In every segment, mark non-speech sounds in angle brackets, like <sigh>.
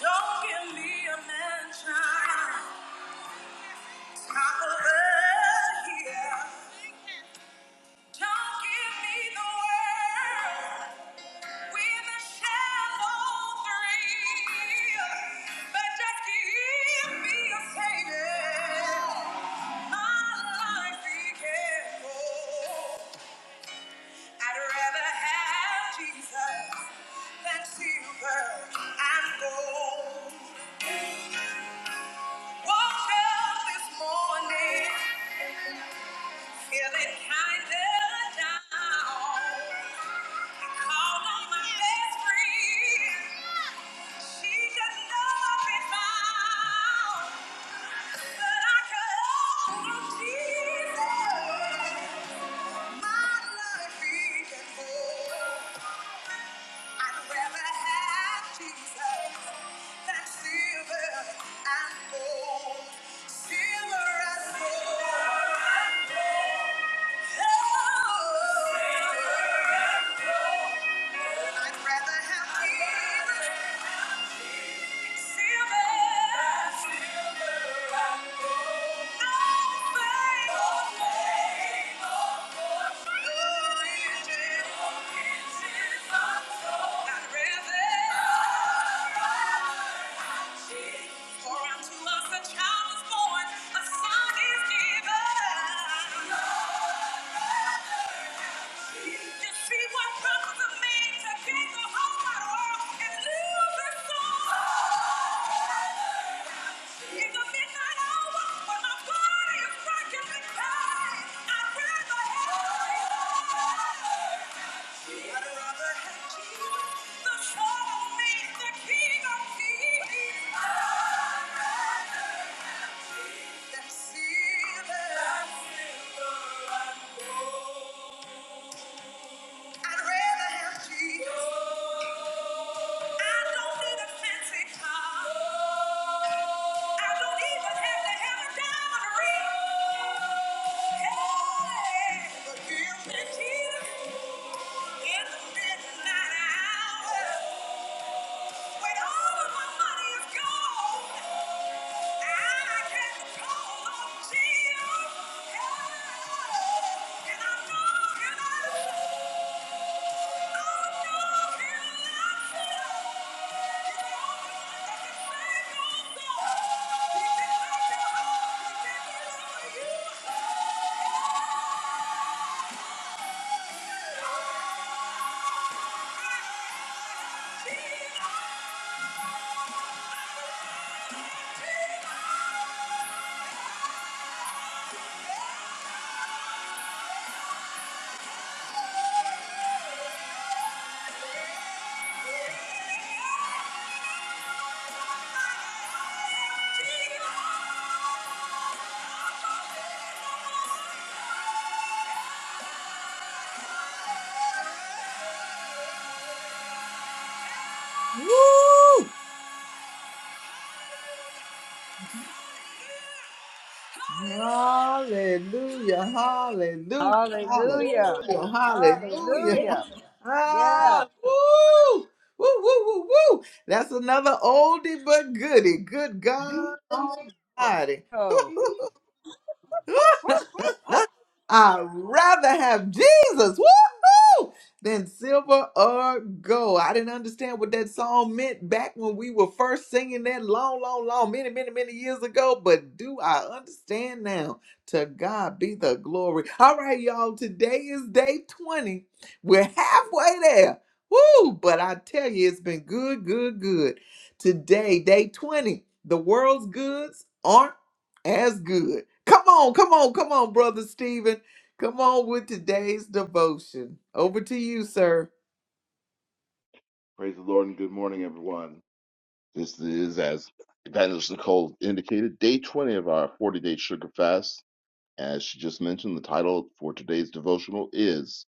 Don't give me a mansion top of the hill. Don't give me the world. With a shallow three, but just give me a My life became whole. I'd rather have Jesus than silver and gold. Woke up this morning feeling kinda down. I called on my best friend. She could not be found, but I call on Jesus. My life he can hold. I'd rather have Jesus than silver and gold. Silver and gold. Oh, I'd rather have Jesus. For unto us a child is born, a son is given. You see what promise of man to gain the whole wide world and lose the soul. It's a midnight hour, but my body is breaking me down. I'd rather have Jesus. I'd rather have Jesus, the Son of me, the King of kings. Than silver and gold. I'd rather have Jesus. I don't need a fancy car. I don't even have to have a diamond ring. Hey, but give me Jesus in the midnight hour. When all of my money is gone, I can call on Jesus. Hey, and I know, and I know. Yeah. Woo! Hallelujah, hallelujah, Hallelujah. hallelujah, hallelujah. Hallelujah. Yes. Ah, woo! Woo, woo, woo, woo. That's another oldie but goodie. Good God Almighty. Oh. Whoop, whoop, whoop, whoop. I'd rather have Jesus woo-hoo, than silver or gold. I didn't understand what that song meant back when we were first singing that long, long, long, many, many, many years ago. But do I understand now? To God be the glory. All right, y'all. Today is day 20. We're halfway there. Woo! But I tell you, it's been good, good, good. Today, day 20, the world's goods aren't as good. Come on, come on, come on, brother Stephen. Come on with today's devotion. Over to you, sir. Praise the Lord and good morning, everyone. This is, as Evangelist Nicole indicated, day 20 of our 40 day sugar fast. As she just mentioned, the title for today's devotional is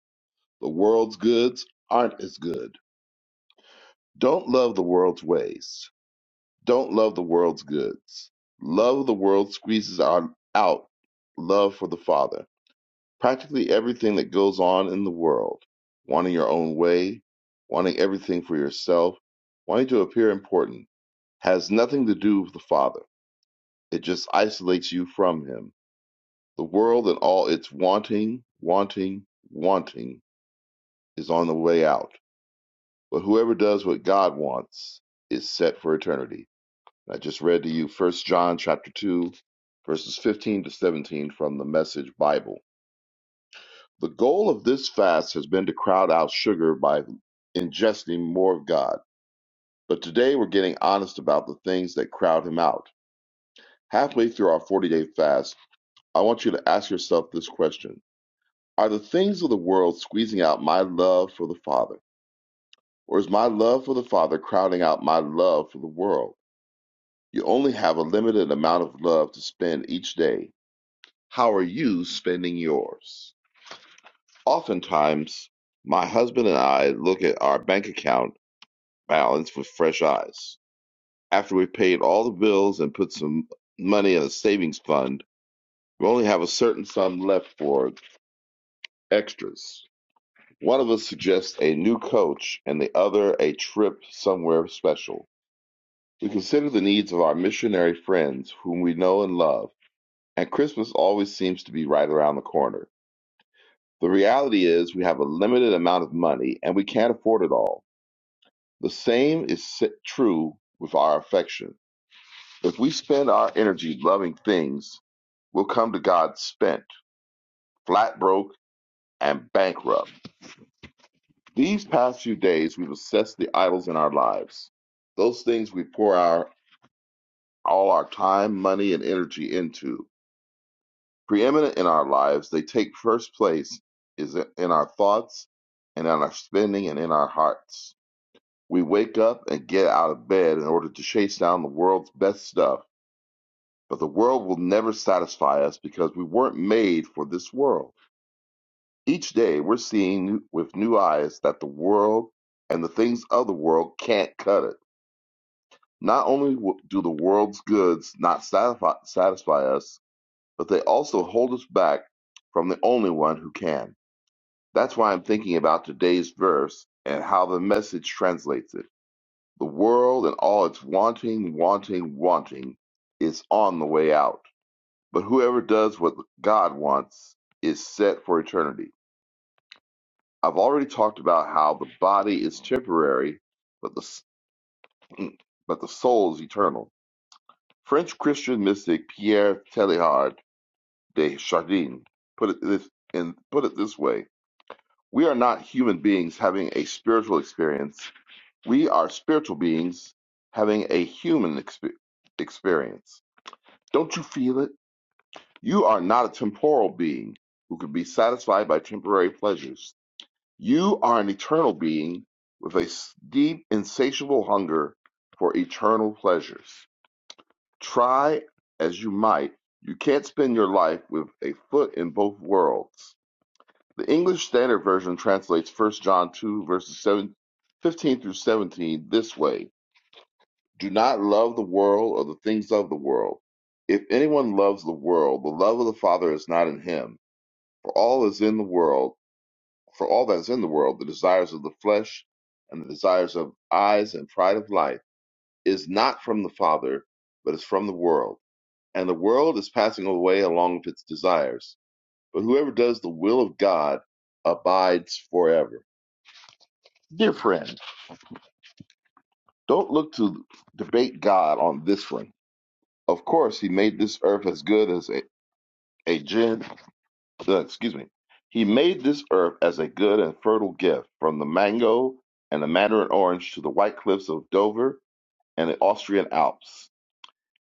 The World's Goods Aren't as Good. Don't love the world's ways. Don't love the world's goods. Love of the world squeezes our, out love for the Father. Practically everything that goes on in the world, wanting your own way, wanting everything for yourself, wanting to appear important has nothing to do with the Father. It just isolates you from Him. The world and all its wanting, wanting, wanting is on the way out. But whoever does what God wants is set for eternity. And I just read to you First John chapter 2, verses 15 to 17 from the Message Bible. The goal of this fast has been to crowd out sugar by ingesting more of God. But today we're getting honest about the things that crowd him out. Halfway through our 40 day fast, I want you to ask yourself this question Are the things of the world squeezing out my love for the Father? Or is my love for the Father crowding out my love for the world? You only have a limited amount of love to spend each day. How are you spending yours? Oftentimes, my husband and I look at our bank account balance with fresh eyes. After we've paid all the bills and put some money in a savings fund, we only have a certain sum left for extras. One of us suggests a new coach and the other a trip somewhere special. We consider the needs of our missionary friends whom we know and love, and Christmas always seems to be right around the corner. The reality is we have a limited amount of money and we can't afford it all. The same is true with our affection. If we spend our energy loving things, we'll come to God spent, flat broke, and bankrupt. These past few days, we've assessed the idols in our lives, those things we pour our, all our time, money, and energy into. Preeminent in our lives, they take first place is in our thoughts and in our spending and in our hearts. We wake up and get out of bed in order to chase down the world's best stuff, but the world will never satisfy us because we weren't made for this world. Each day, we're seeing with new eyes that the world and the things of the world can't cut it Not only do the world's goods not satisfy, satisfy us, but they also hold us back from the only one who can. That's why I'm thinking about today's verse and how the message translates it. The world and all its wanting, wanting, wanting is on the way out. But whoever does what God wants is set for eternity. I've already talked about how the body is temporary, but the, but the soul is eternal. French Christian mystic Pierre Teilhard de Chardin put it this in put it this way: We are not human beings having a spiritual experience. We are spiritual beings having a human expe- experience. Don't you feel it? You are not a temporal being who can be satisfied by temporary pleasures. You are an eternal being with a s- deep, insatiable hunger for eternal pleasures. Try as you might, you can't spend your life with a foot in both worlds. The English Standard Version translates First John 2, verses 7, fifteen through 17 this way Do not love the world or the things of the world. If anyone loves the world, the love of the Father is not in him. For all is in the world, for all that is in the world, the desires of the flesh and the desires of eyes and pride of life is not from the Father, but is from the world and the world is passing away along with its desires. But whoever does the will of God abides forever. Dear friend, don't look to debate God on this one. Of course, He made this earth as good as a, a gin, uh, excuse me. He made this earth as a good and fertile gift, from the mango and the mandarin orange to the white cliffs of Dover and the Austrian Alps.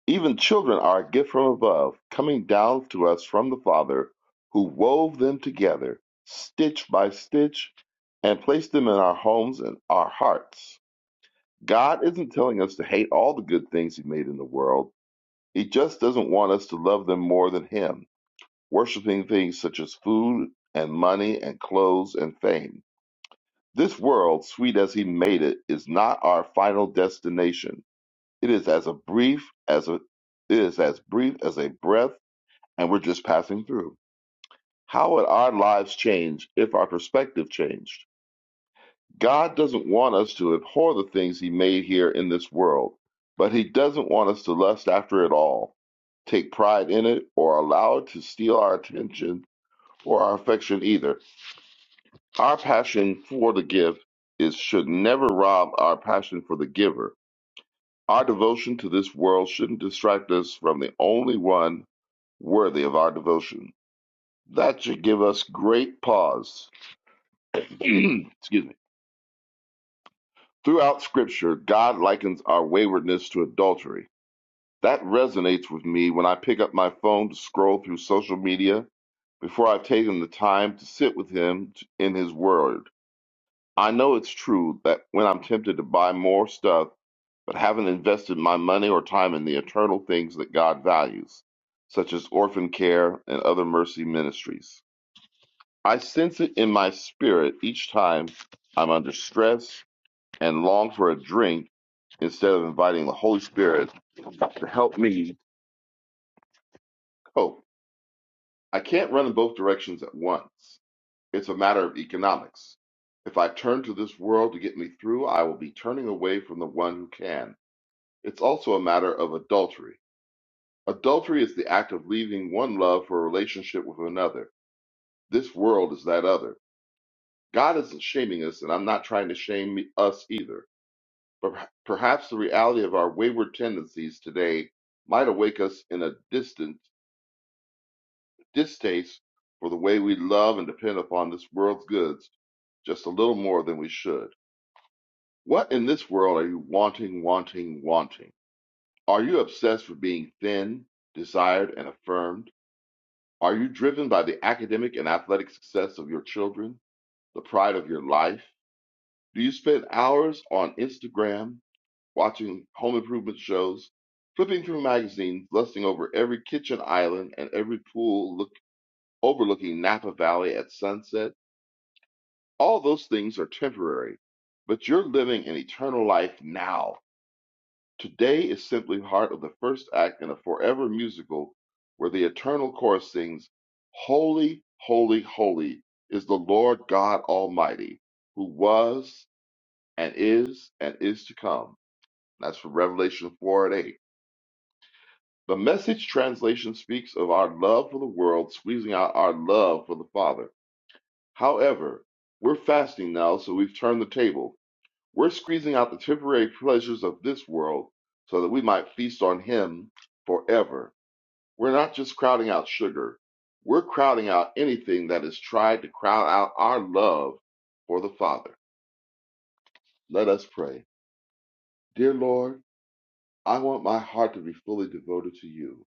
Even children are a gift from above, coming down to us from the Father, who wove them together, stitch by stitch, and placed them in our homes and our hearts. God isn't telling us to hate all the good things He made in the world. He just doesn't want us to love them more than Him, worshiping things such as food and money and clothes and fame. This world, sweet as He made it, is not our final destination. It is as a brief as a it is as brief as a breath and we're just passing through. How would our lives change if our perspective changed? God doesn't want us to abhor the things He made here in this world, but He doesn't want us to lust after it all, take pride in it, or allow it to steal our attention or our affection either. Our passion for the gift is should never rob our passion for the giver. Our devotion to this world shouldn't distract us from the only one worthy of our devotion. That should give us great pause <clears throat> excuse me. Throughout Scripture, God likens our waywardness to adultery. That resonates with me when I pick up my phone to scroll through social media before I've taken the time to sit with Him t- in His Word. I know it's true that when I'm tempted to buy more stuff, but haven't invested my money or time in the eternal things that God values, such as orphan care and other mercy ministries. I sense it in my spirit each time I'm under stress and long for a drink instead of inviting the Holy Spirit to help me cope. I can't run in both directions at once. It's a matter of economics. If I turn to this world to get me through, I will be turning away from the one who can. It's also a matter of adultery. Adultery is the act of leaving one love for a relationship with another. This world is that other. God isn't shaming us, and I'm not trying to shame us either. But Perhaps the reality of our wayward tendencies today might awake us in a distant distaste for the way we love and depend upon this world's goods just a little more than we should. What in this world are you wanting, wanting, wanting? Are you obsessed with being thin, desired, and affirmed? Are you driven by the academic and athletic success of your children, the pride of your life? Do you spend hours on Instagram watching home improvement shows, flipping through magazines, lusting over every kitchen island and every pool look, overlooking Napa Valley at sunset. All those things are temporary, but you're living an eternal life now. Today is simply part of the first act in a forever musical where the eternal chorus sings, Holy, holy, holy is the Lord God Almighty, who was and is and is to come. That's from Revelation 4 and 8. The message translation speaks of our love for the world squeezing out our love for the Father. However, we're fasting now, so we've turned the table. We're squeezing out the temporary pleasures of this world so that we might feast on Him forever. We're not just crowding out sugar, we're crowding out anything that has tried to crowd out our love for the Father. Let us pray. Dear Lord, I want my heart to be fully devoted to you,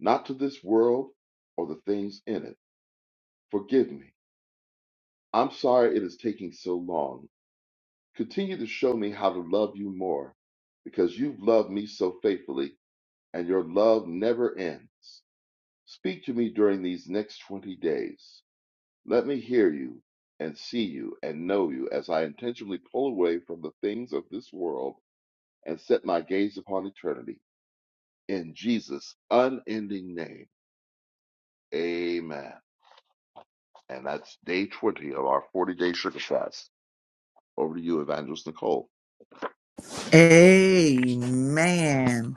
not to this world or the things in it. Forgive me. I'm sorry it is taking so long. Continue to show me how to love you more because you've loved me so faithfully and your love never ends. Speak to me during these next 20 days. Let me hear you and see you and know you as I intentionally pull away from the things of this world and set my gaze upon eternity. In Jesus' unending name, amen. And that's day 20 of our 40 day sugar fast. Over to you, Evangelist Nicole. Amen.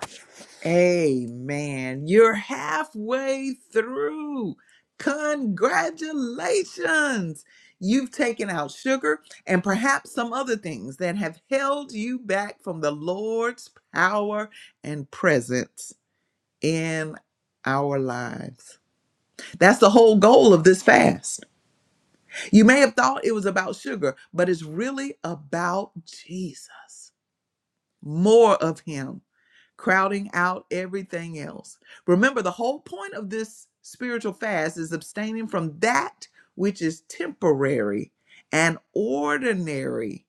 Amen. You're halfway through. Congratulations. You've taken out sugar and perhaps some other things that have held you back from the Lord's power and presence in our lives. That's the whole goal of this fast You may have thought it was about sugar, but it's really about Jesus. More of Him, crowding out everything else. Remember, the whole point of this spiritual fast is abstaining from that which is temporary and ordinary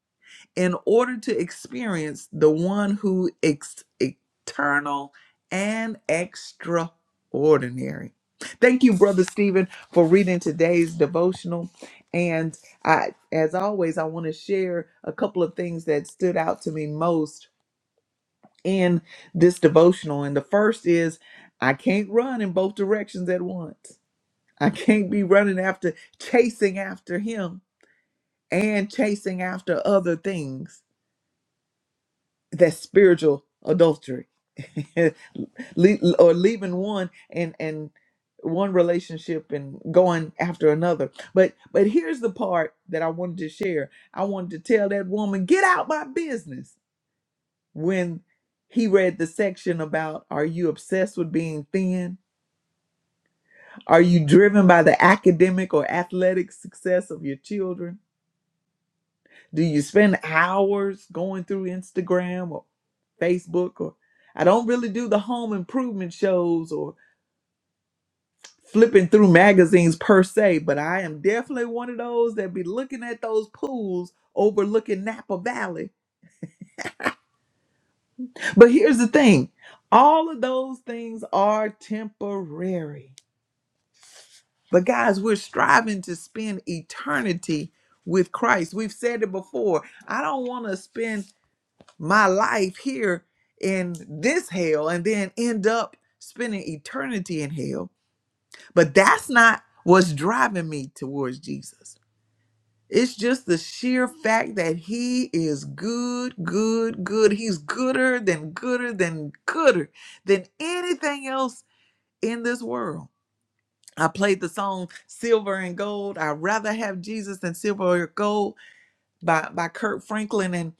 in order to experience the one who is eternal and extraordinary. Thank you, Brother Stephen, for reading today's devotional. And I, as always, I want to share a couple of things that stood out to me most in this devotional. And the first is I can't run in both directions at once. I can't be running after, chasing after him and chasing after other things. That's spiritual adultery, <laughs> Le- or leaving one and and one relationship and going after another. But but here's the part that I wanted to share. I wanted to tell that woman, get out my business. When he read the section about are you obsessed with being thin? Are you driven by the academic or athletic success of your children? Do you spend hours going through Instagram or Facebook or I don't really do the home improvement shows or flipping through magazines per se, but I am definitely one of those that be looking at those pools overlooking Napa Valley. But here's the thing, all of those things are temporary. But guys, we're striving to spend eternity with Christ. We've said it before. I don't want to spend my life here in this hell and then end up spending eternity in hell. But that's not what's driving me towards Jesus. It's just the sheer fact that he is good, good, good. He's gooder than gooder than gooder than anything else in this world. I played the song Silver and Gold. I'd rather have Jesus than silver or gold by, by Kurt Franklin and.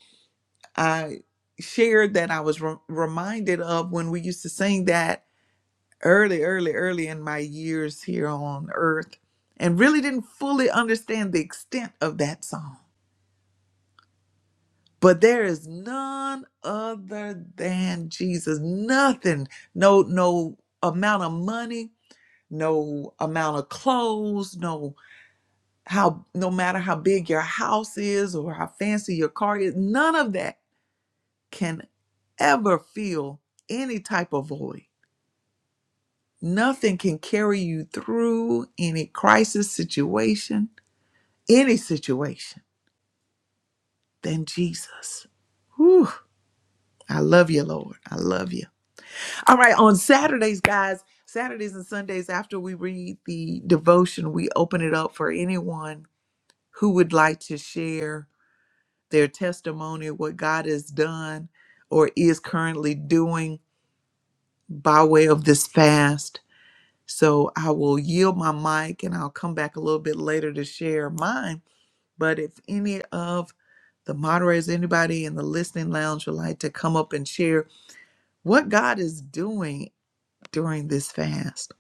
I shared that I was re- reminded of when we used to sing that early, early, early in my years here on earth, and really didn't fully understand the extent of that song. But there is none other than Jesus. Nothing, no, no amount of money, no amount of clothes, no how no matter how big your house is or how fancy your car is, none of that can ever feel any type of void. Nothing can carry you through any crisis situation, any situation than Jesus. Whew. I love you, Lord. I love you. All right, on Saturdays, guys, Saturdays and Sundays, after we read the devotion, we open it up for anyone who would like to share their testimony, what God has done or is currently doing by way of this fast So I will yield my mic and I'll come back a little bit later to share mine. But if any of the moderators, anybody in the listening lounge would like to come up and share what God is doing during this fast.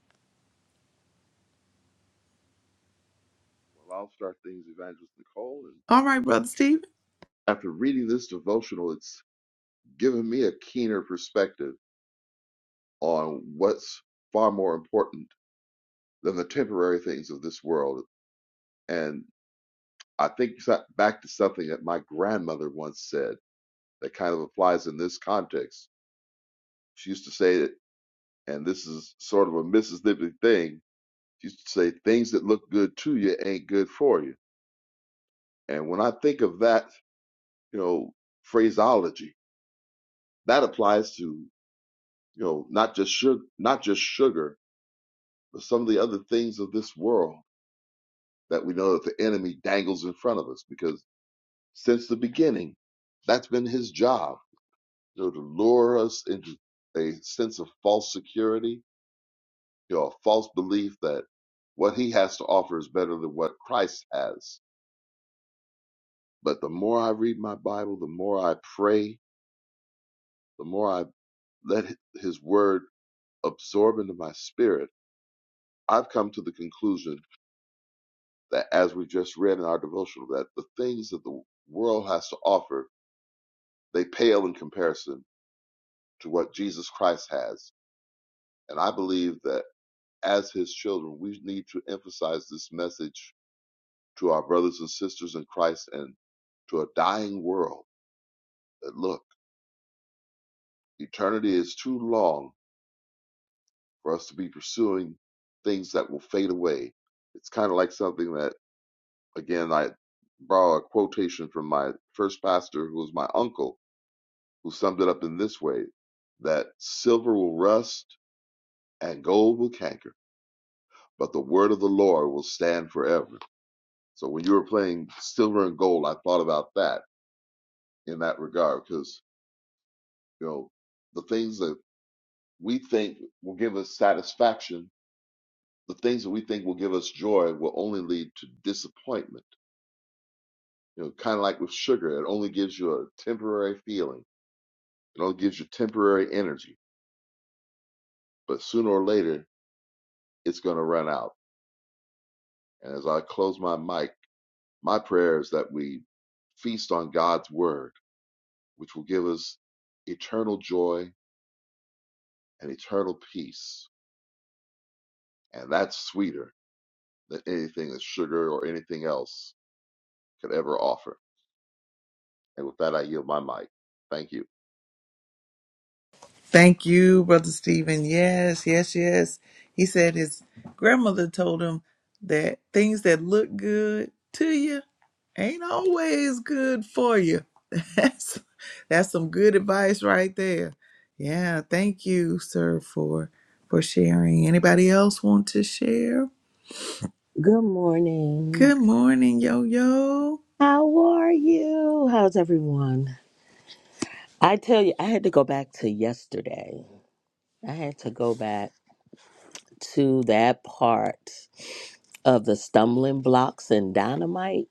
Well, I'll start things, Evangelist Nicole. And All right, Brother Stephen. after reading this devotional, it's given me a keener perspective on what's far more important than the temporary things of this world. And I think so- back to something that my grandmother once said that kind of applies in this context. She used to say that, and this is sort of a Mississippi thing. She used to say, "Things that look good to you ain't good for you." And when I think of that, you know, phraseology, That applies to you know not just sugar, not just sugar, but some of the other things of this world that we know that the enemy dangles in front of us. Because since the beginning, that's been his job, you know, to lure us into a sense of false security, you know, a false belief that what he has to offer is better than what Christ has. But the more I read my Bible, the more I pray, the more I let his word absorb into my spirit, I've come to the conclusion that as we just read in our devotional, that the things that the world has to offer, they pale in comparison to what Jesus Christ has. And I believe that as his children, we need to emphasize this message to our brothers and sisters in Christ and to a dying world that look, eternity is too long for us to be pursuing things that will fade away. It's kind of like something that, again, I borrow a quotation from my first pastor, who was my uncle who summed it up in this way that silver will rust and gold will canker, but the word of the Lord will stand forever. So when you were playing silver and gold, I thought about that in that regard because, you know, the things that we think will give us satisfaction, the things that we think will give us joy will only lead to disappointment. You know, kind of like with sugar, it only gives you a temporary feeling, it only gives you temporary energy, but sooner or later, it's going to run out. And as I close my mic, My prayer is that we feast on God's word, which will give us eternal joy and eternal peace. And that's sweeter than anything that sugar or anything else could ever offer. And with that, I yield my mic. Thank you. Thank you, Brother Stephen. Yes, yes, yes. He said his grandmother told him that things that look good to you ain't always good for you. <laughs> That's that's some good advice right there. Yeah, thank you, sir, for for sharing. Anybody else want to share? Good morning. Good morning, yo yo. How are you? How's everyone? I tell you, I had to go back to yesterday. I had to go back to that part of the stumbling blocks and dynamite.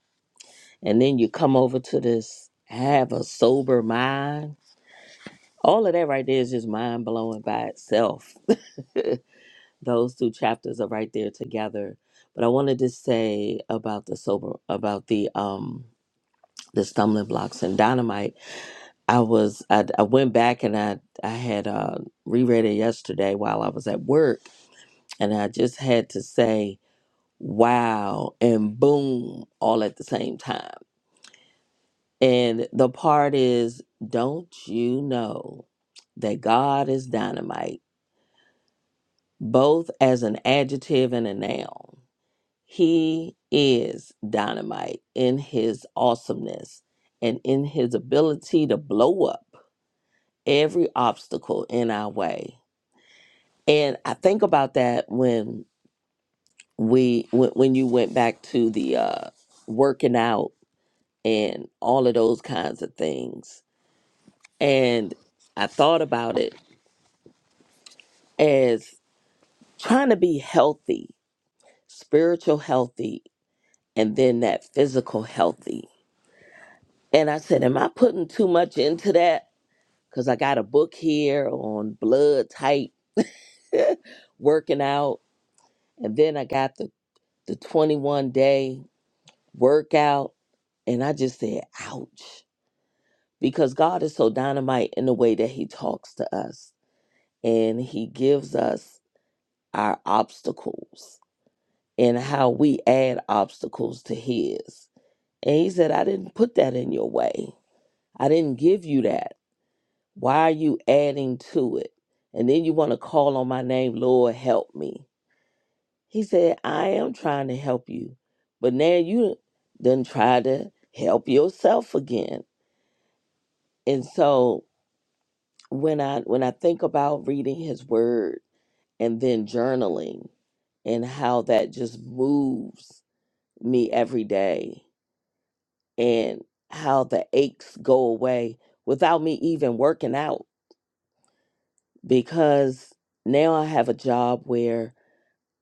And then you come over to this have a sober mind. All of that right there is just mind blowing by itself. <laughs> Those two chapters are right there together. But I wanted to say about the sober about the um the stumbling blocks and dynamite I was I, I went back and I I had uh, reread it yesterday while I was at work, and I just had to say wow and boom all at the same time. And the part is, don't you know that God is dynamite, both as an adjective and a noun. He is dynamite in his awesomeness and in his ability to blow up every obstacle in our way And I think about that when we when, when you went back to the uh working out and all of those kinds of things. And I thought about it as trying to be healthy, spiritual healthy, and then that physical healthy. And I said, am I putting too much into that? Cuz I got a book here on blood type working out and then I got the the 21 day workout and I just said, ouch because God is so dynamite in the way that He talks to us and He gives us our obstacles and how we add obstacles to His. And He said, I didn't put that in your way, I didn't give you that. Why are you adding to it? And then you want to call on my name, Lord, help me. He said, I am trying to help you, but now you done try to help yourself again. And so when I when I think about reading his word and then journaling and how that just moves me every day and how the aches go away without me even working out because now I have a job where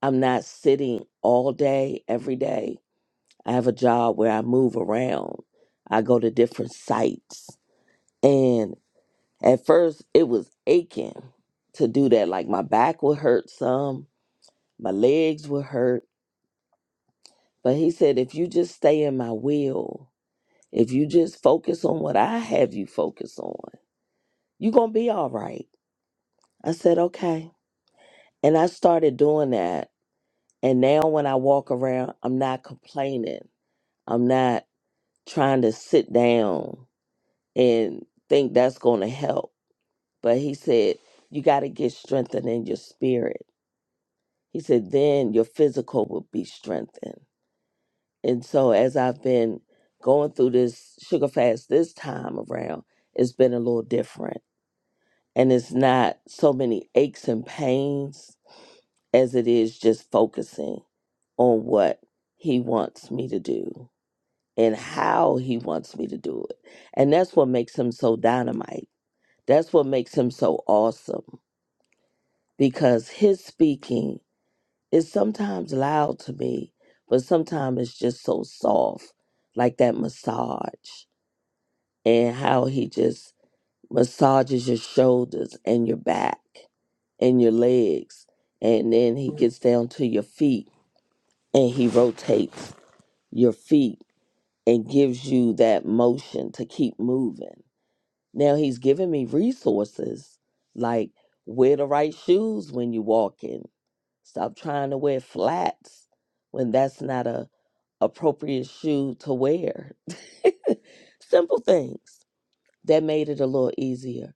I'm not sitting all day every day. I have a job where I move around. I go to different sites and at first it was aching to do that like my back would hurt some, my legs would hurt But he said, if you just stay in my will, if you just focus on what I have you focus on, you're going to be all right. I said, okay. And I started doing that. And now when I walk around, I'm not complaining. I'm not trying to sit down and think that's going to help. But he said, you got to get strengthened in your spirit. He said, then your physical will be strengthened. And so as I've been going through this sugar fast this time around, it's been a little different. And it's not so many aches and pains as it is just focusing on what he wants me to do and how he wants me to do it. And that's what makes him so dynamite. That's what makes him so awesome because his speaking is sometimes loud to me, but sometimes it's just so soft, like that massage and how he just massages your shoulders and your back and your legs. And then he gets down to your feet and he rotates your feet and gives you that motion to keep moving. Now he's giving me resources like wear the right shoes when you walk in. Stop trying to wear flats when that's not a appropriate shoe to wear. <laughs> Simple things that made it a little easier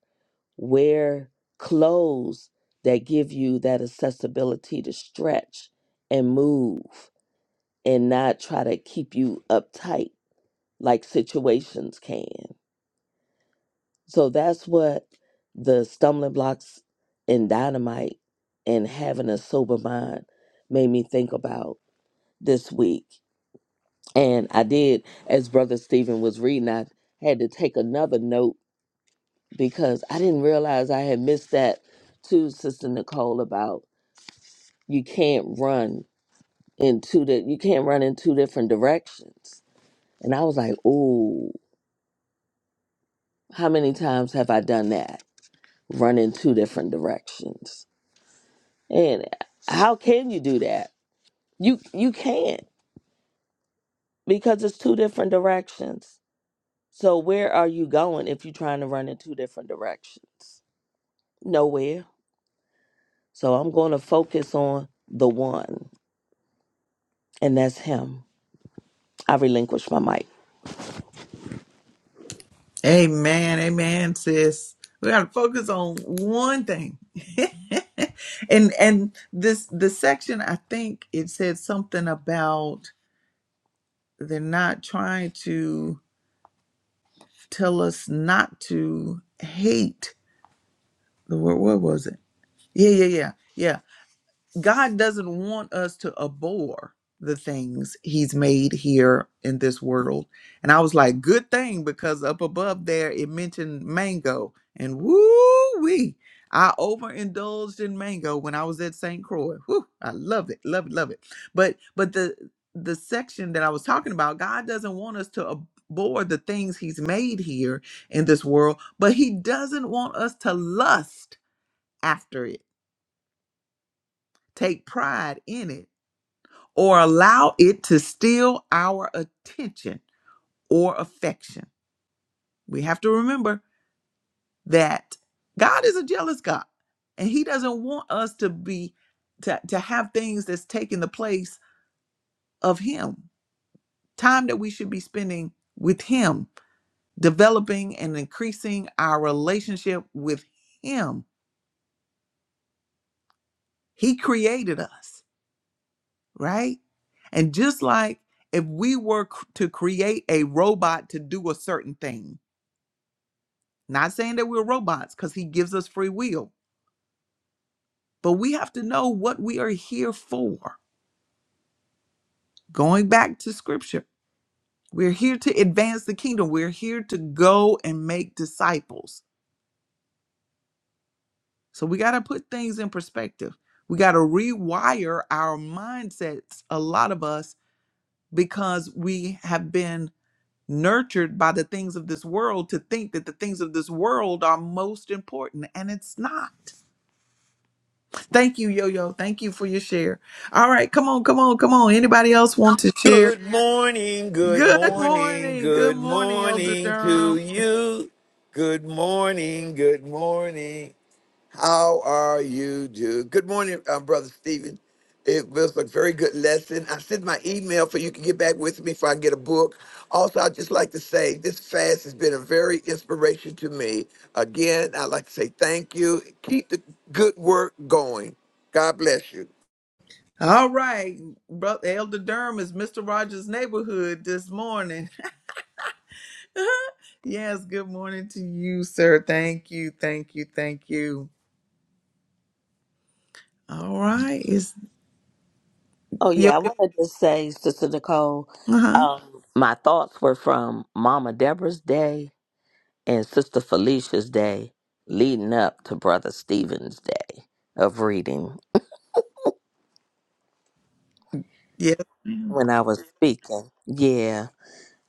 Wear clothes that give you that accessibility to stretch and move and not try to keep you uptight like situations can. So that's what the stumbling blocks and dynamite and having a sober mind made me think about this week. And I did, as Brother Stephen was reading, I had to take another note because I didn't realize I had missed that to Sister Nicole about you can't run in two di- you can't run in two different directions. And I was like, "Ooh, how many times have I done that? Run in two different directions." And how can you do that? You you can't because it's two different directions. So where are you going if you're trying to run in two different directions? Nowhere. So I'm going to focus on the one, and that's him. I relinquish my mic. Amen, amen, sis. We gotta focus on one thing. <laughs> and and this the section I think it said something about they're not trying to tell us not to hate the word what was it? Yeah, yeah, yeah, yeah. God doesn't want us to abhor the things He's made here in this world. And I was like, good thing, because up above there it mentioned mango, and woo wee, I overindulged in mango when I was at St. Croix. Whew, I love it, love it, love it. But but the the section that I was talking about, God doesn't want us to abhor the things He's made here in this world, but He doesn't want us to lust after it take pride in it, or allow it to steal our attention or affection. We have to remember that God is a jealous God, and He doesn't want us to be to, to have things that's taking the place of Him. Time that we should be spending with Him, developing and increasing our relationship with Him. He created us. right? And just like if we were c- to create a robot to do a certain thing, not saying that we're robots because he gives us free will, but we have to know what we are here for. Going back to scripture, we're here to advance the kingdom, we're here to go and make disciples. So we got to put things in perspective. We got to rewire our mindsets, a lot of us, because we have been nurtured by the things of this world to think that the things of this world are most important, and it's not. Thank you, Yo Yo. Thank you for your share. All right, come on, come on, come on. Anybody else want to share? Good morning, good Good morning, morning, good good morning, Elder morning to Durham. you. Good morning, good morning. How are you, Jude? Good morning, uh, Brother Stephen. It was a very good lesson. I sent my email for you can get back with me if I get a book. Also, I'd just like to say this fast has been a very inspiration to me. Again, I'd like to say thank you. Keep the good work going. God bless you. All right, bro, Elder Durham is Mr. Rogers' neighborhood this morning. <laughs> yes, good morning to you, sir. Thank you, thank you, thank you. All right, is Oh Yo yeah, I Yo? want to just say, Sister Nicole, Uh huh. um, my thoughts were from Mama Deborah's day and Sister Felicia's day, leading up to Brother Stephen's day of reading when I was speaking. Yeah,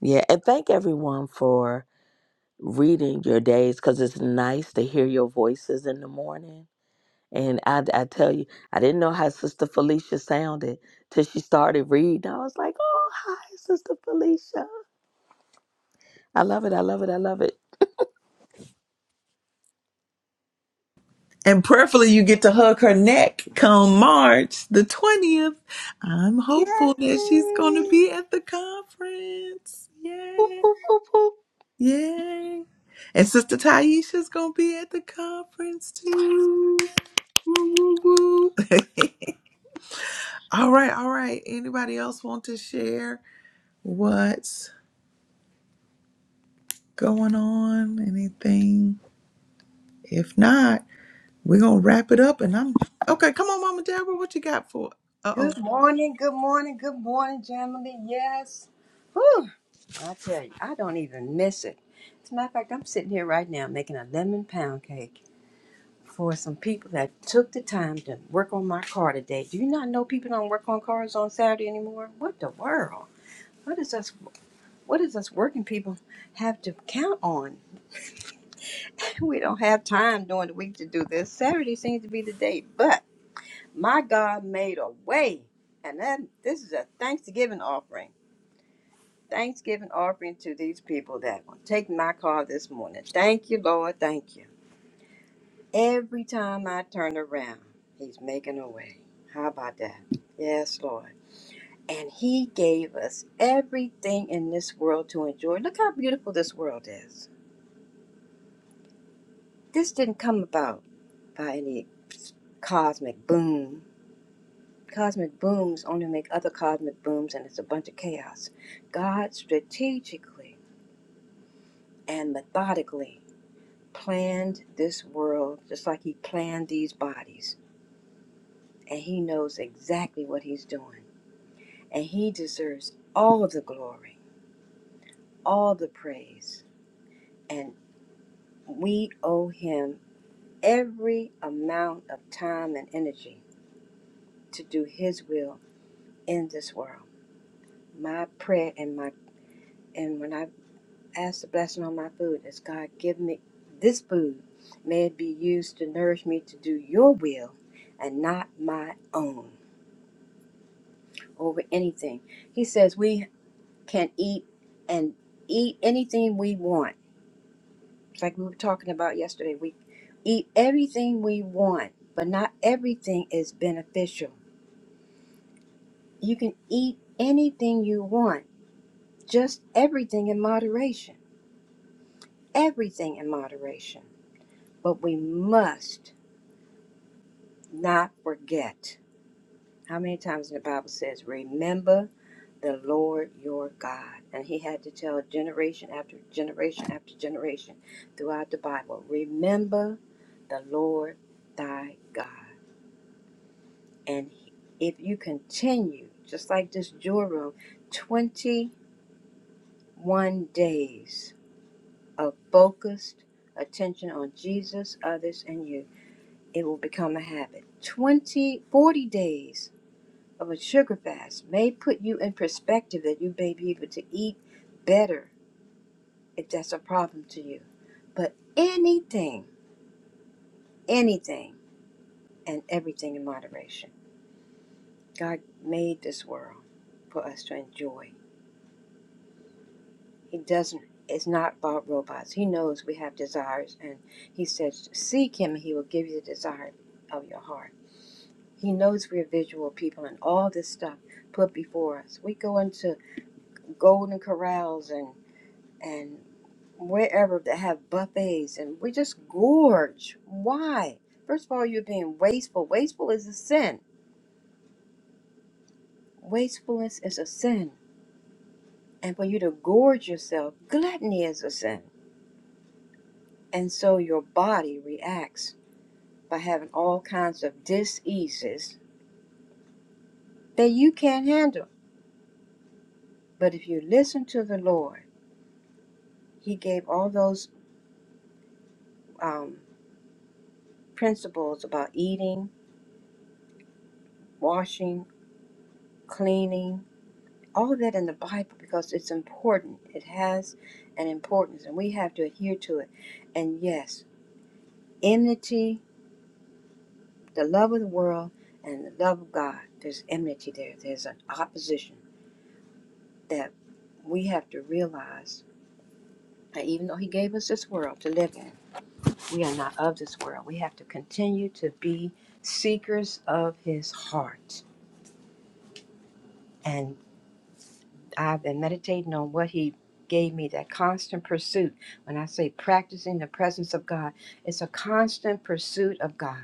yeah, and thank everyone for reading your days because it's nice to hear your voices in the morning. And I, I tell you, I didn't know how Sister Felicia sounded till she started reading. I was like, oh, hi, Sister Felicia I love it. I love it. I love it. And prayerfully, you get to hug her neck come March the 20th. I'm Yay! hopeful that she's going to be at the conference. Yay. Yay. And Sister Taisha's going to be at the conference too. Woo, woo, woo. <laughs> all right. All right. Anybody else want to share what's going on? Anything? If not, we're going to wrap it up. And I'm okay. Come on, Mama Deborah. What you got for? Uh oh. Good morning. Good morning. Good morning, Jamily. Yes. Whew. I tell you, I don't even miss it. As a matter of fact, I'm sitting here right now making a lemon pound cake for some people that took the time to work on my car today. Do you not know people don't work on cars on Saturday anymore? What the world? What is us? What is us working people have to count on? <laughs> we don't have time during the week to do this. Saturday seems to be the day, but my God made a way. And then this is a Thanksgiving offering. Thanksgiving offering to these people that will take my car this morning. Thank you, Lord. Thank you. Every time I turn around, He's making a way. How about that? Yes, Lord. And He gave us everything in this world to enjoy. Look how beautiful this world is. This didn't come about by any cosmic boom Cosmic booms only make other cosmic booms, and it's a bunch of chaos. God strategically and methodically planned this world just like He planned these bodies, and He knows exactly what He's doing. And He deserves all of the glory, all the praise, and we owe Him every amount of time and energy to do His will in this world. My prayer and my and when I ask the blessing on my food as God give me this food. May it be used to nourish me to do your will and not my own over anything. He says we can eat and eat anything we want. It's like we were talking about yesterday. We eat everything we want, but not everything is beneficial. You can eat anything you want, just everything in moderation. Everything in moderation. But we must not forget. How many times in the Bible says, Remember the Lord your God? And he had to tell generation after generation after generation throughout the Bible, Remember the Lord thy God. And if you continue, just like this joy room, 21 days of focused attention on Jesus, others, and you, it will become a habit. 20, 40 days of a sugar fast may put you in perspective that you may be able to eat better if that's a problem to you. But anything, anything, and everything in moderation. God made this world for us to enjoy. He doesn't. It's not about robots. He knows we have desires, and He says, "Seek Him, and He will give you the desire of your heart." He knows we're visual people, and all this stuff put before us. We go into golden corrals and and wherever that have buffets and we just gorge. Why? First of all, you're being wasteful. Wasteful is a sin. Wastefulness is a sin. And for you to gorge yourself, gluttony is a sin. And so your body reacts by having all kinds of diseases that you can't handle. But if you listen to the Lord, He gave all those um, principles about eating, washing, cleaning, all of that in the Bible because it's important. It has an importance, and we have to adhere to it. And yes, enmity, the love of the world, and the love of God. There's enmity there. There's an opposition that we have to realize that even though He gave us this world to live in, we are not of this world. We have to continue to be seekers of His heart. And I've been meditating on what he gave me that constant pursuit. When I say practicing the presence of God, it's a constant pursuit of God.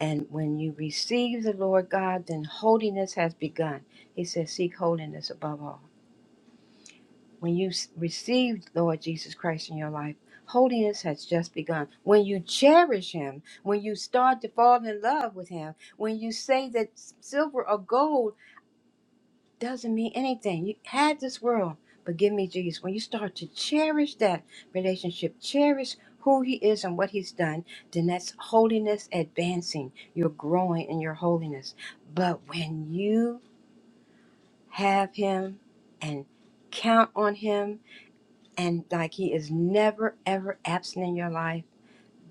And when you receive the Lord God, then holiness has begun. He says, Seek holiness above all. When you s- receive Lord Jesus Christ in your life, holiness has just begun. When you cherish Him, when you start to fall in love with Him, when you say that s- silver or gold doesn't mean anything. You had this world, but give me Jesus. When you start to cherish that relationship, cherish who He is and what He's done, then that's holiness advancing. You're growing in your holiness. But when you have Him and count on Him, and like He is never, ever absent in your life,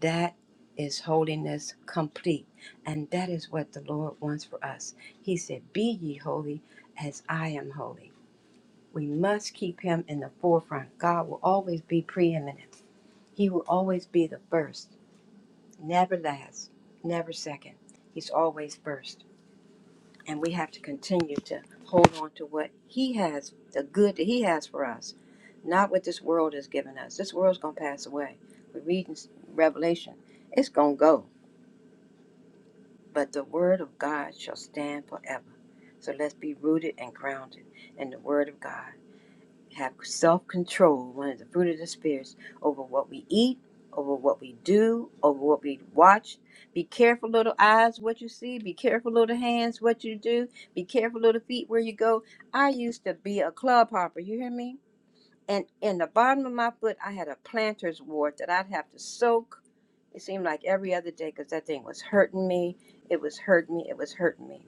that is holiness complete. And that is what the Lord wants for us. He said, Be ye holy as I am holy. We must keep him in the forefront. God will always be preeminent. He will always be the first, never last, never second. He's always first. And we have to continue to hold on to what he has, the good that he has for us, not what this world has given us. This world's going to pass away. We read in Revelation, it's going to go. But the word of God shall stand forever. So let's be rooted and grounded in the word of God have self control, one of the fruit of the spirits, over what we eat, over what we do, over what we watch. Be careful, little eyes, what you see. Be careful, little hands, what you do. Be careful, little feet, where you go. I used to be a club hopper, you hear me? And in the bottom of my foot, I had a planter's wart that I'd have to soak. It seemed like every other day because that thing was hurting me. It was hurting me. It was hurting me.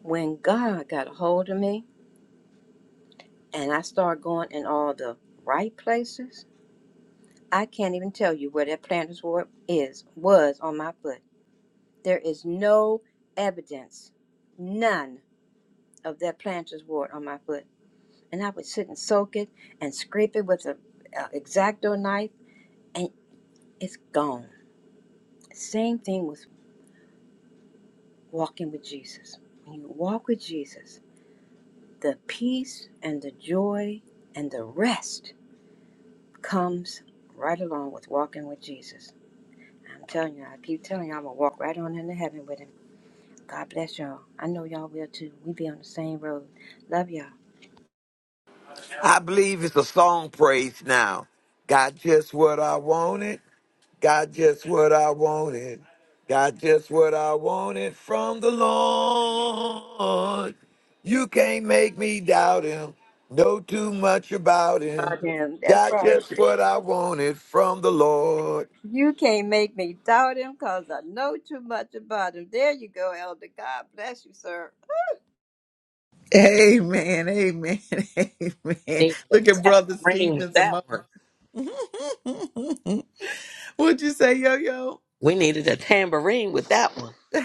When God got a hold of me and I started going in all the right places, I can't even tell you where that planter's wart is was on my foot. There is no evidence, none of that planter's wart on my foot. And I would sit and soak it and scrape it with a, a exacto knife, and it's gone. Same thing with walking with Jesus. When you walk with Jesus, the peace and the joy and the rest comes right along with walking with Jesus. I'm telling you, I keep telling you, I'm gonna walk right on into heaven with him. God bless y'all. I know y'all will too. We be on the same road. Love y'all. I believe it's a song praise now. Got just what I wanted. Got just what I wanted. Got just what I wanted from the Lord. You can't make me doubt him. Know too much about Oh, him. damn. That's Got right. just what I wanted from the Lord. You can't make me doubt him because I know too much about him. There you go, Elder. God bless you, sir. Amen. Amen. <laughs> Amen. Needed Look a at Brother tambourine with Stevens that emotion. one. <laughs> What'd you say, yo yo? We needed a tambourine with that one. <laughs>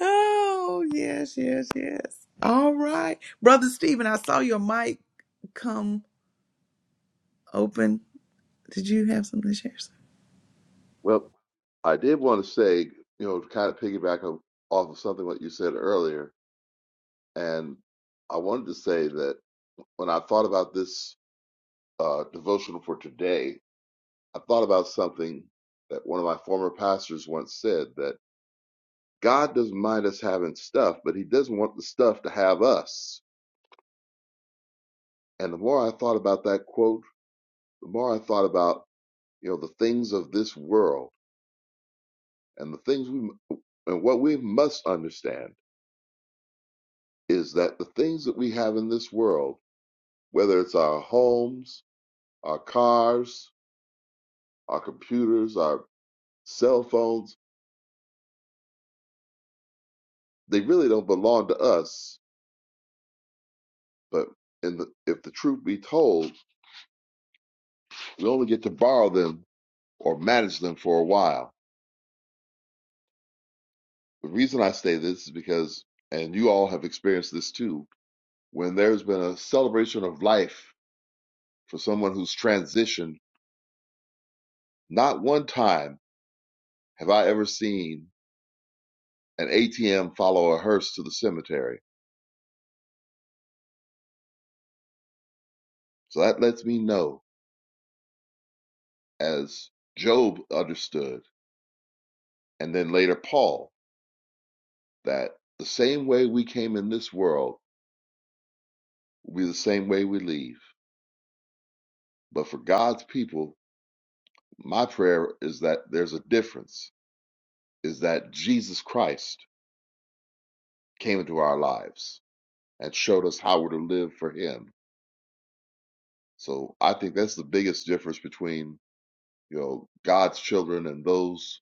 oh, yes, yes, yes. All right. Brother Stephen, I saw your mic come open. Did you have something to share? Sir? Well, I did want to say, you know, to kind of piggyback o- off of something what you said earlier. And I wanted to say that when I thought about this uh, devotional for today, I thought about something that one of my former pastors once said that God doesn't mind us having stuff, but He doesn't want the stuff to have us. And the more I thought about that quote, the more I thought about you know the things of this world and the things we and what we must understand is that the things that we have in this world, whether it's our homes, our cars, our computers, our cell phones, they really don't belong to us But in the, if the truth be told, we only get to borrow them or manage them for a while. The reason I say this is because, and you all have experienced this too, when there's been a celebration of life for someone who's transitioned, not one time have I ever seen an ATM follow a hearse to the cemetery. So that lets me know, as Job understood, and then later Paul, that the same way we came in this world will be the same way we leave. But for God's people, my prayer is that there's a difference, is that Jesus Christ came into our lives and showed us how we're to live for him. So I think that's the biggest difference between, you know, God's children and those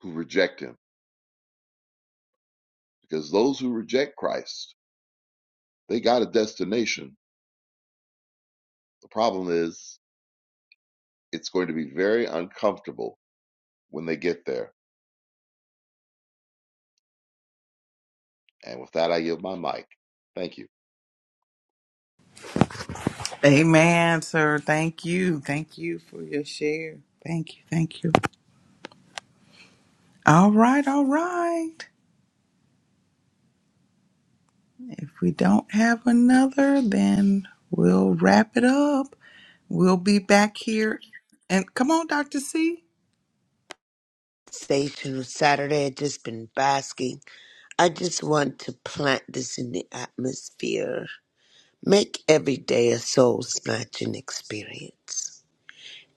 who reject him. Because those who reject Christ, they got a destination. The problem is it's going to be very uncomfortable when they get there. And with that I yield my mic. Thank you. Amen, sir. Thank you. Thank you for your share. Thank you. Thank you. All right. All right. If we don't have another, then we'll wrap it up. We'll be back here. And come on, Dr. C. station on Saturday. I've just been basking. I just want to plant this in the atmosphere. Make every day a soul snatching experience.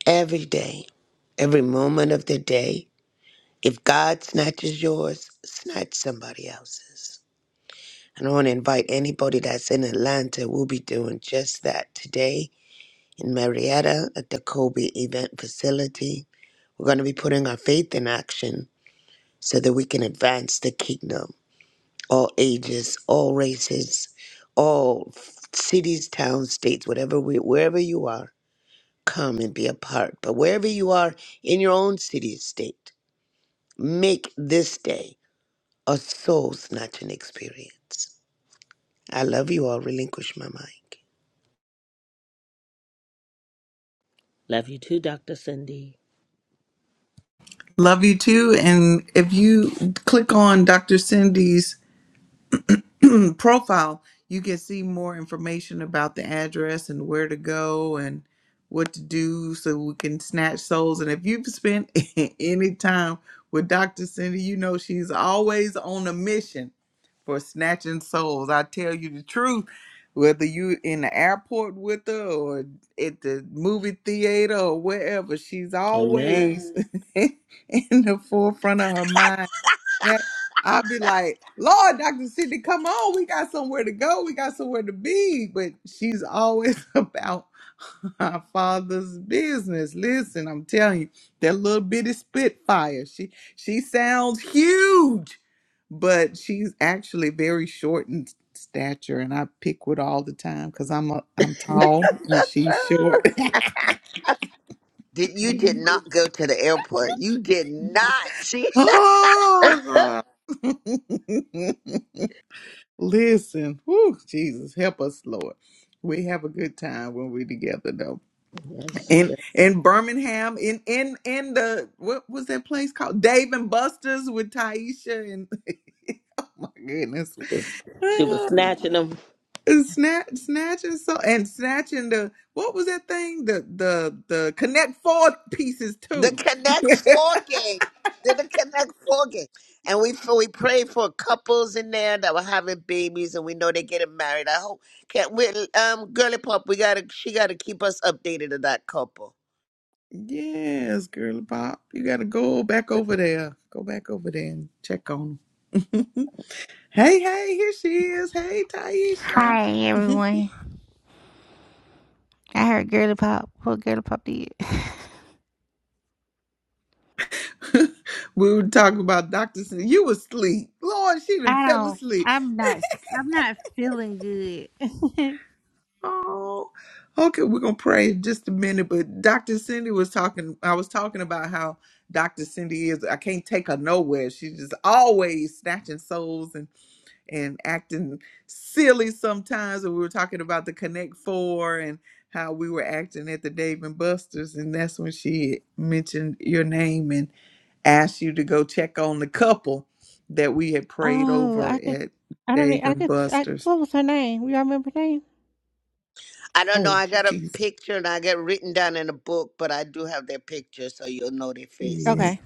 Every day, every moment of the day. If God snatches yours, snatch somebody else's. And I want to invite anybody that's in Atlanta. We'll be doing just that today in Marietta at the Kobe Event Facility. We're going to be putting our faith in action so that we can advance the kingdom all ages, all races, all cities, towns, states, whatever we, wherever you are, come and be a part. But wherever you are in your own city, state, make this day a soul snatching experience. I love you all. Relinquish my mic. Love you too, Dr. Cindy. Love you too. And if you click on Dr. Cindy's <clears throat> profile, you can see more information about the address and where to go and what to do so we can snatch souls. And if you've spent <laughs> any time with Dr. Cindy, you know she's always on a mission. for snatching souls. I tell you the truth, whether you in the airport with her or at the movie theater or wherever, she's Amen. always <laughs> in the forefront of her mind. That I'll be like, Lord, Dr. Sidney, come on, we got somewhere to go, we got somewhere to be. But she's always <laughs> about our father's business. Listen, I'm telling you, that little bitty spitfire, she she sounds huge but she's actually very short in stature and I pick with all the time because I'm a, I'm tall and she's short. <laughs> <laughs> Did you did not go to the airport? You did not. <laughs> Ah! Listen, whew, Jesus, help us, Lord. We have a good time when we're together, though. Yes. In yes. in Birmingham, in in in the what was that place called? Dave and Buster's with Taisha and <laughs> oh my goodness. She was snatching them. And Snatch, snatching so and snatching the what was that thing? The the the Connect Four pieces The too. Connect Four game. Did the Connect Four game. And we we prayed for couples in there that were having babies and we know they're getting married. I hope can we um girly pop, we gotta she gotta keep us updated of that couple. <laughs> yes, girly pop, you gotta go back over there. Go back over there and check on them. <laughs> hey, hey, here she is. Hey, Taisha. Hi <laughs> everyone. I heard Girly Pop. What Girly Pop did? we were talking about Doctor. Sn- You was asleep, Lord. She done I fell don't. asleep. I'm not. I'm not feeling good. Oh, okay. We're gonna pray in just a minute, but Dr. Cindy was talking. I was talking about how Dr. Cindy is. I can't take her nowhere. She's just always snatching souls and and acting silly sometimes. And we were talking about the Connect Four and how we were acting at the Dave and Buster's, and that's when she mentioned your name and asked you to go check on the couple that we had prayed Oh, over I could. at I don't. e- Dave I and could. I, Buster's. what was her name? You all remember her name? I don't know, Oh, I got a jeez. picture and I got written down in a book, but I do have their picture so you'll know their faces. Okay,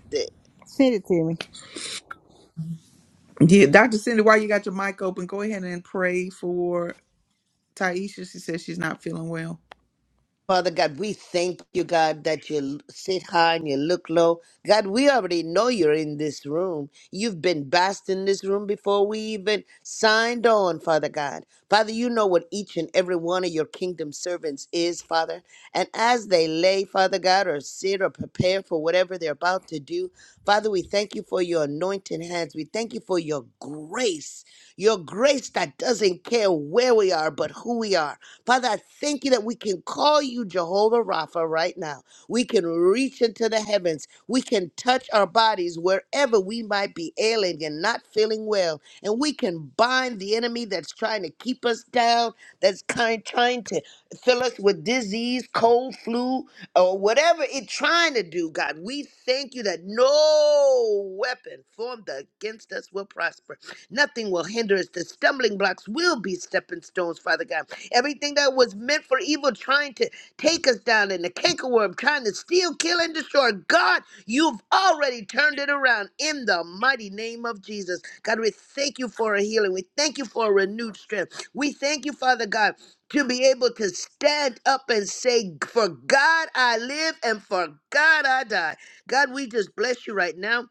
send it to me. Yeah, Dr. Cindy, while you got your mic open, go ahead and pray for Taisha. She says she's not feeling well. Father God, we thank you, God, that you sit high and you look low. God, we already know you're in this room. You've been basked in this room before we even signed on, Father God. Father, you know what each and every one of your kingdom servants is, Father. And as they lay, Father God, or sit or prepare for whatever they're about to do, Father, we thank you for your anointing hands. We thank you for your grace, your grace that doesn't care where we are, but who we are. Father, I thank you that we can call you Jehovah Rapha right now. We can reach into the heavens. We can touch our bodies wherever we might be ailing and not feeling well. And we can bind the enemy that's trying to keep us down, that's kind trying to fill us with disease, cold, flu, or whatever it's trying to do, God. We thank you that no weapon formed against us will prosper. Nothing will hinder us. The stumbling blocks will be stepping stones, Father God. Everything that was meant for evil trying to take us down and the cankerworm trying to steal, kill, and destroy. God, you've already turned it around in the mighty name of Jesus. God, we thank you for a healing. We thank you for a renewed strength. We thank you, Father God, to be able to stand up and say, For God I live and for God I die. God, we just bless you right now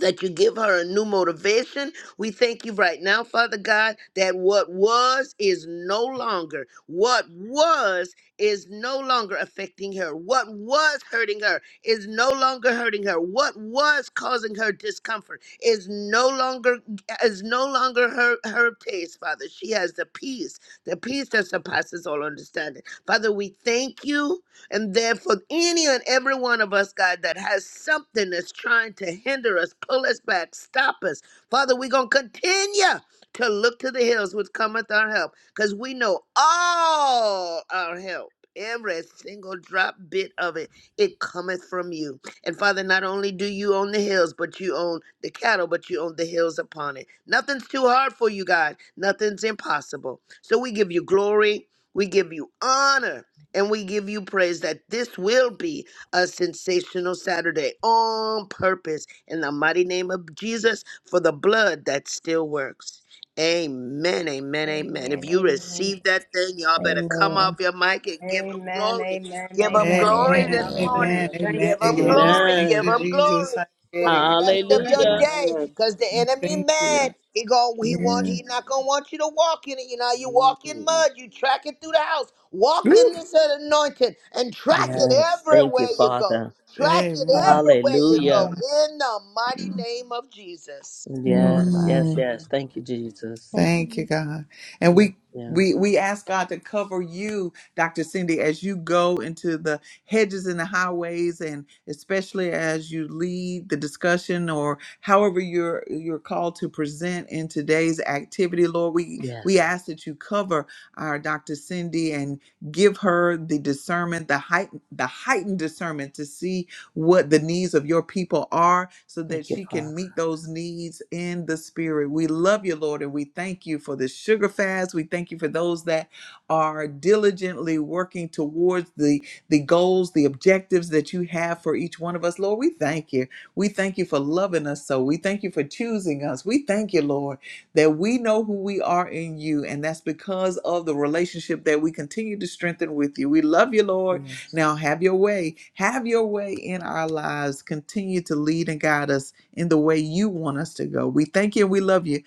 that you give her a new motivation. We thank you right now, Father God, that what was is no longer. What was is no longer affecting her. What was hurting her is no longer hurting her. What was causing her discomfort is no longer is no longer her her pace, Father. She has the peace, the peace that surpasses all understanding. Father, we thank you and therefore, any and every one of us, God, that has something that's trying to hinder us, pull us back, stop us, Father, we're going to continue to look to the hills which cometh our help because we know all our help. Every single drop bit of it, it cometh from you. And Father, not only do you own the hills, but you own the cattle, but you own the hills upon it. Nothing's too hard for you, God. Nothing's impossible. So we give you glory. We give you honor. And we give you praise that this will be a sensational Saturday on purpose in the mighty name of Jesus for the blood that still works. Amen, amen, amen. If Amen. you Amen. receive that thing, y'all better come off Amen. your mic and give them Amen. glory. Amen. Give them Amen. Amen. Amen. glory this Amen. morning. Amen. Hallelujah. Thank Amen. Give you, them Lord. Yes. Amen. glory. Thank Give Amen. you, them glory Jesus. I get for the it, rest of your Hallelujah. Lord, day Amen. because the God. enemy Thank you. mad he gon' he want Yeah. he not gonna want you to walk in it you know you walk in Amen. mud you track it through the house walk Woo. in this anointing and track it Yes. Thank you, everywhere you go Father. track it Amen. everywhere you Hallelujah. go Yes. in the mighty name of jesus Lord Yes, God, yes, Mhm. yes. Thank you, Jesus. thank Thank you, you. God. And Thank we you. we we ask God to cover you, Dr. Cindy, as you go into the hedges and the highways and especially as you lead the discussion or however you're you're called to present in today's activity, Lord. We we Yes. ask that you cover our Dr. Cindy and give her the discernment, the height the heightened discernment to see what the needs of your people are so Thank that you, she Father. can meet those needs in the spirit. We love you, Lord, and we thank you for the sugar fast. We thank you for those that are diligently working towards the, the goals, the objectives that you have for each one of us. Lord, we thank you. We thank you for loving us so. We thank you for choosing us. We thank you, Lord, that we know who we are in you, and that's because of the relationship that we continue to strengthen with you. We love you, Lord. Yes. Now, have your way. Have your way in our lives. Continue to lead and guide us in the way you want us to go. We thank you and we love you.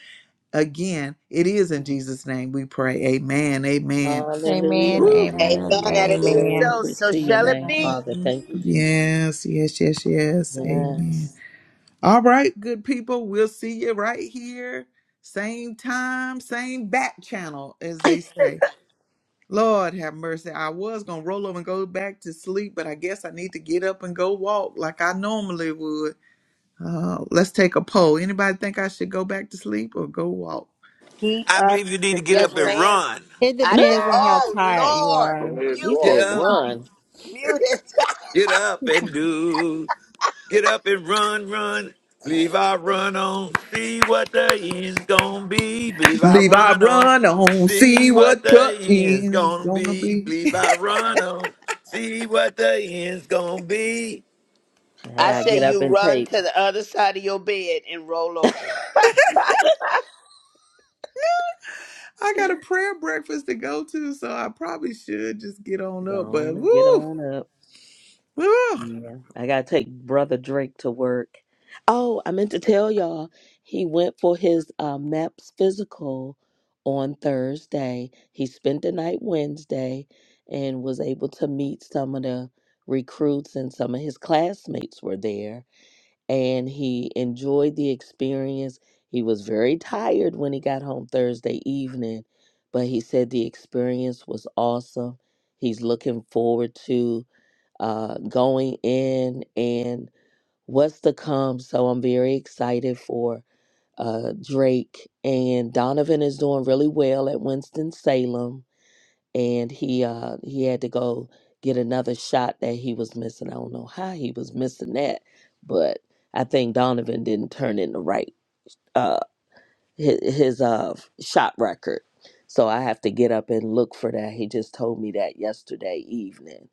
Again, it is in Jesus' name we pray. Amen. Amen. Amen. Hallelujah. Woo. Amen. amen Amen. and it is Amen. so Glory so to your shall Amen. it name, be Father. Thank you, Jesus. Yes, yes, yes, yes. Amen. Yes. All right, good people. We'll see you right here. Same time, same back channel, as <laughs> they say. Lord have mercy. I was going to roll over and go back to sleep, but I guess I need to get up and go walk like I normally would. Uh, let's take a poll. Anybody think I should go back to sleep or go walk? Keep I up believe you need the to get good yes up and work. ma'am run. It i think depends on how Ah! oh tired you lord Go are. ahead and He mute Get said, walk. his up, mic run. mute his <laughs> get up and do. Get up and run, run. Believe I run on. See what the end's gonna be. Believe I Leave I run on. run on, see See what what the the end's end's gonna gonna be. be. Believe <laughs> I run on. See what the end's gonna be. I i gotta say get up you and run take. to the other side of your bed and roll over I got a prayer breakfast to go to, so I probably should just get on Go up. But on and get woo, on up. woo. Yeah. I gotta take Brother Drake to work. Oh, I meant to tell y'all, he went for his uh, MAPS physical on Thursday. He spent the night Wednesday and was able to meet some of the recruits, and some of his classmates were there. and he enjoyed the experience. He was very tired when he got home Thursday evening, but he said the experience was awesome. He's looking forward to uh, going in and what's to come. So I'm very excited for uh, Drake. And Donovan is doing really well at Winston-Salem and he uh he had to go get another shot that he was missing. I don't know how he was missing that, but I think Donovan didn't turn in the right uh his, his uh shot record. So I have to get up and look for that. He just told me that yesterday evening.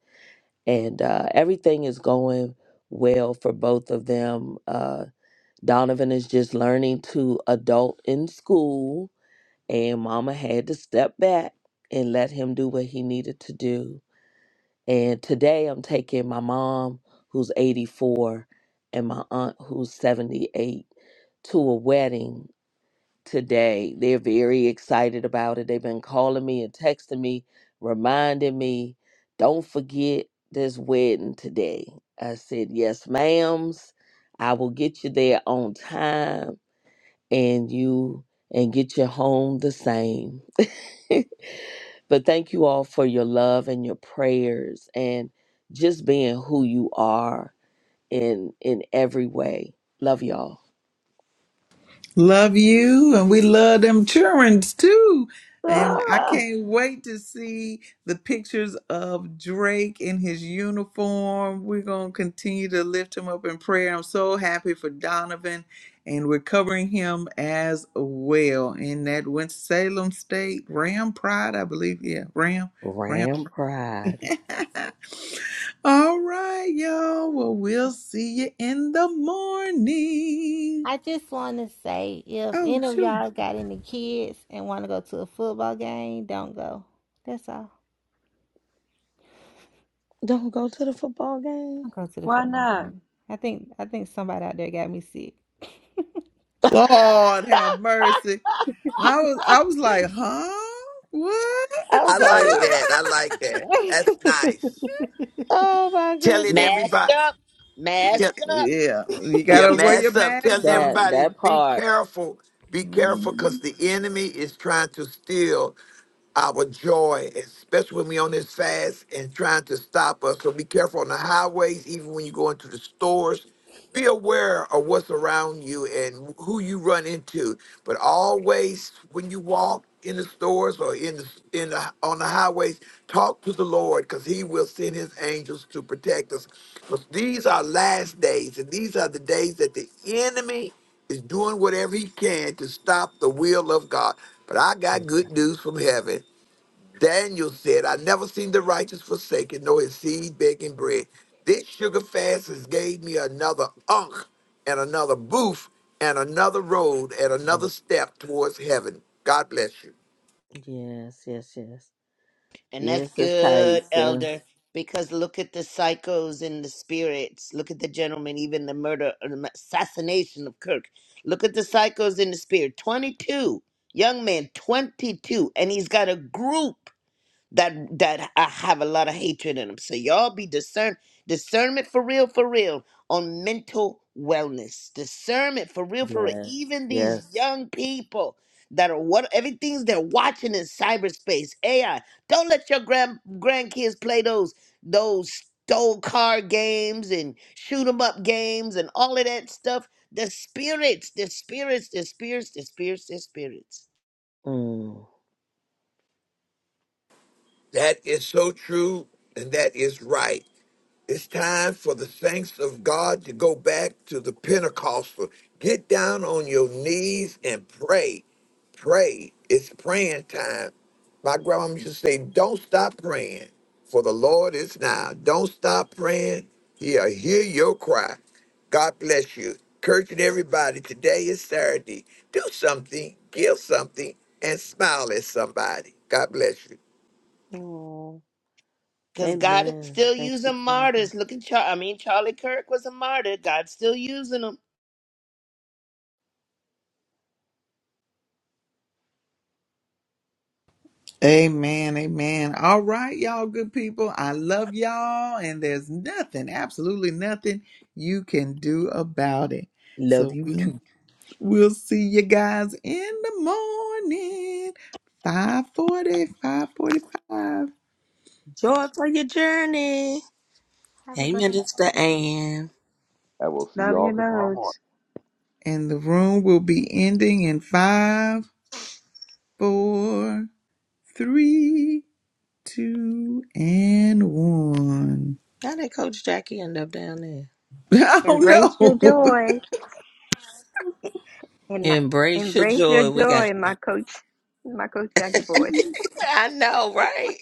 And uh everything is going well for both of them. Uh Donovan is just learning to adult in school and mama had to step back and let him do what he needed to do and today I'm taking my mom, who's 84, and my aunt, who's 78, to a wedding today. They're very excited about it. They've been calling me and texting me, reminding me, don't forget this wedding today. I said, yes, ma'ams. I will get you there on time and you and get you home the same. <laughs> But thank you all for your love and your prayers and just being who you are in in every way. Love y'all. Love you, and we love them childrens too. And I Ah, can't wait to see the pictures of Drake in his uniform. We're going to continue to lift him up in prayer. I'm so happy for Donovan, and we're covering him as well in that Winston-Salem State Ram Pride, I believe. Yeah, Ram, Ram. Ram pride. <laughs> All right, y'all. Well, we'll see you in the morning. I just want to say if Oh, any of sure. y'all got any kids and want to go to a football game, don't go. That's all. Don't go to the football game. Don't go to the Why football not? game. I think I think somebody out there got me sick. <laughs> Lord have mercy. I was I was like, huh? What? I I was like like, that. I like that. That's nice. <laughs> oh my Telling goodness. Mask everybody. up, Tell, mask <laughs> up. yeah. You yeah, gotta wear your mask up. mask Telling sometimes. That everybody, that be part. careful. Be careful Mhm. because the enemy is trying to steal. our joy, especially when we on this fast and trying to stop us. So be careful on the highways, even when you go into the stores. Be aware of what's around you and who you run into. But always, when you walk in the stores or in the, in the on the highways, talk to the Lord because He will send His angels to protect us. Because these are last days, and these are the days that the enemy is doing whatever he can to stop the will of God. But I got good news from heaven. Daniel said, I never seen the righteous forsaken, nor his seed begging bread. This sugar fast has gave me another unk and another booth and another road and another step towards heaven. God bless you. Yes, yes, yes. And that's Yes, it's good, Taisha. Elder, because look at the psychos and the spirits. Look at the gentleman, even the murder or the assassination of Kirk. Look at the psychos in the spirit. 22, young man, 22. And he's got a group. that that I have a lot of hatred in them. So y'all be discern discernment for real, for real on mental wellness. Discernment for real, for real. Yes, Even these yes. young people that are what everything's they're watching in cyberspace AI. Don't let your grand grandkids play those those stole car games and shoot 'em up games and all of that stuff. The spirits, the spirits, the spirits, the spirits, the spirits. Mm. That is so true and that is right. It's time for the saints of God to go back to the Pentecostal. Get down on your knees and pray. Pray. It's praying time. My grandma used to say, Don't stop praying, for the Lord is now. Don't stop praying. He'll hear your cry. God bless you. Encouraging everybody. Today is Saturday. Do something, give something, and smile at somebody. God bless you. Oh, Because God is amen. still Thank you, using Father. martyrs. Look at Char- I mean, Charlie Kirk was a martyr. God's still using him. Amen. Amen. All right, y'all good people. I love y'all, and there's nothing, absolutely nothing you can do about it. Love So you too. we- we'll see you guys in the morning. five forty, five forty-five, Joy for your journey. Have a Hey, great Minister Ann. I will see Love y'all your tomorrow morning. loads. And the room will be ending in five. four, three, two, and one. How did Coach Jackie end up down there? <laughs> Embrace your Oh no! joy. And my, Embrace your embrace your joy. We got. joy, my coach. My coach Jackie boys. <laughs> I know, right?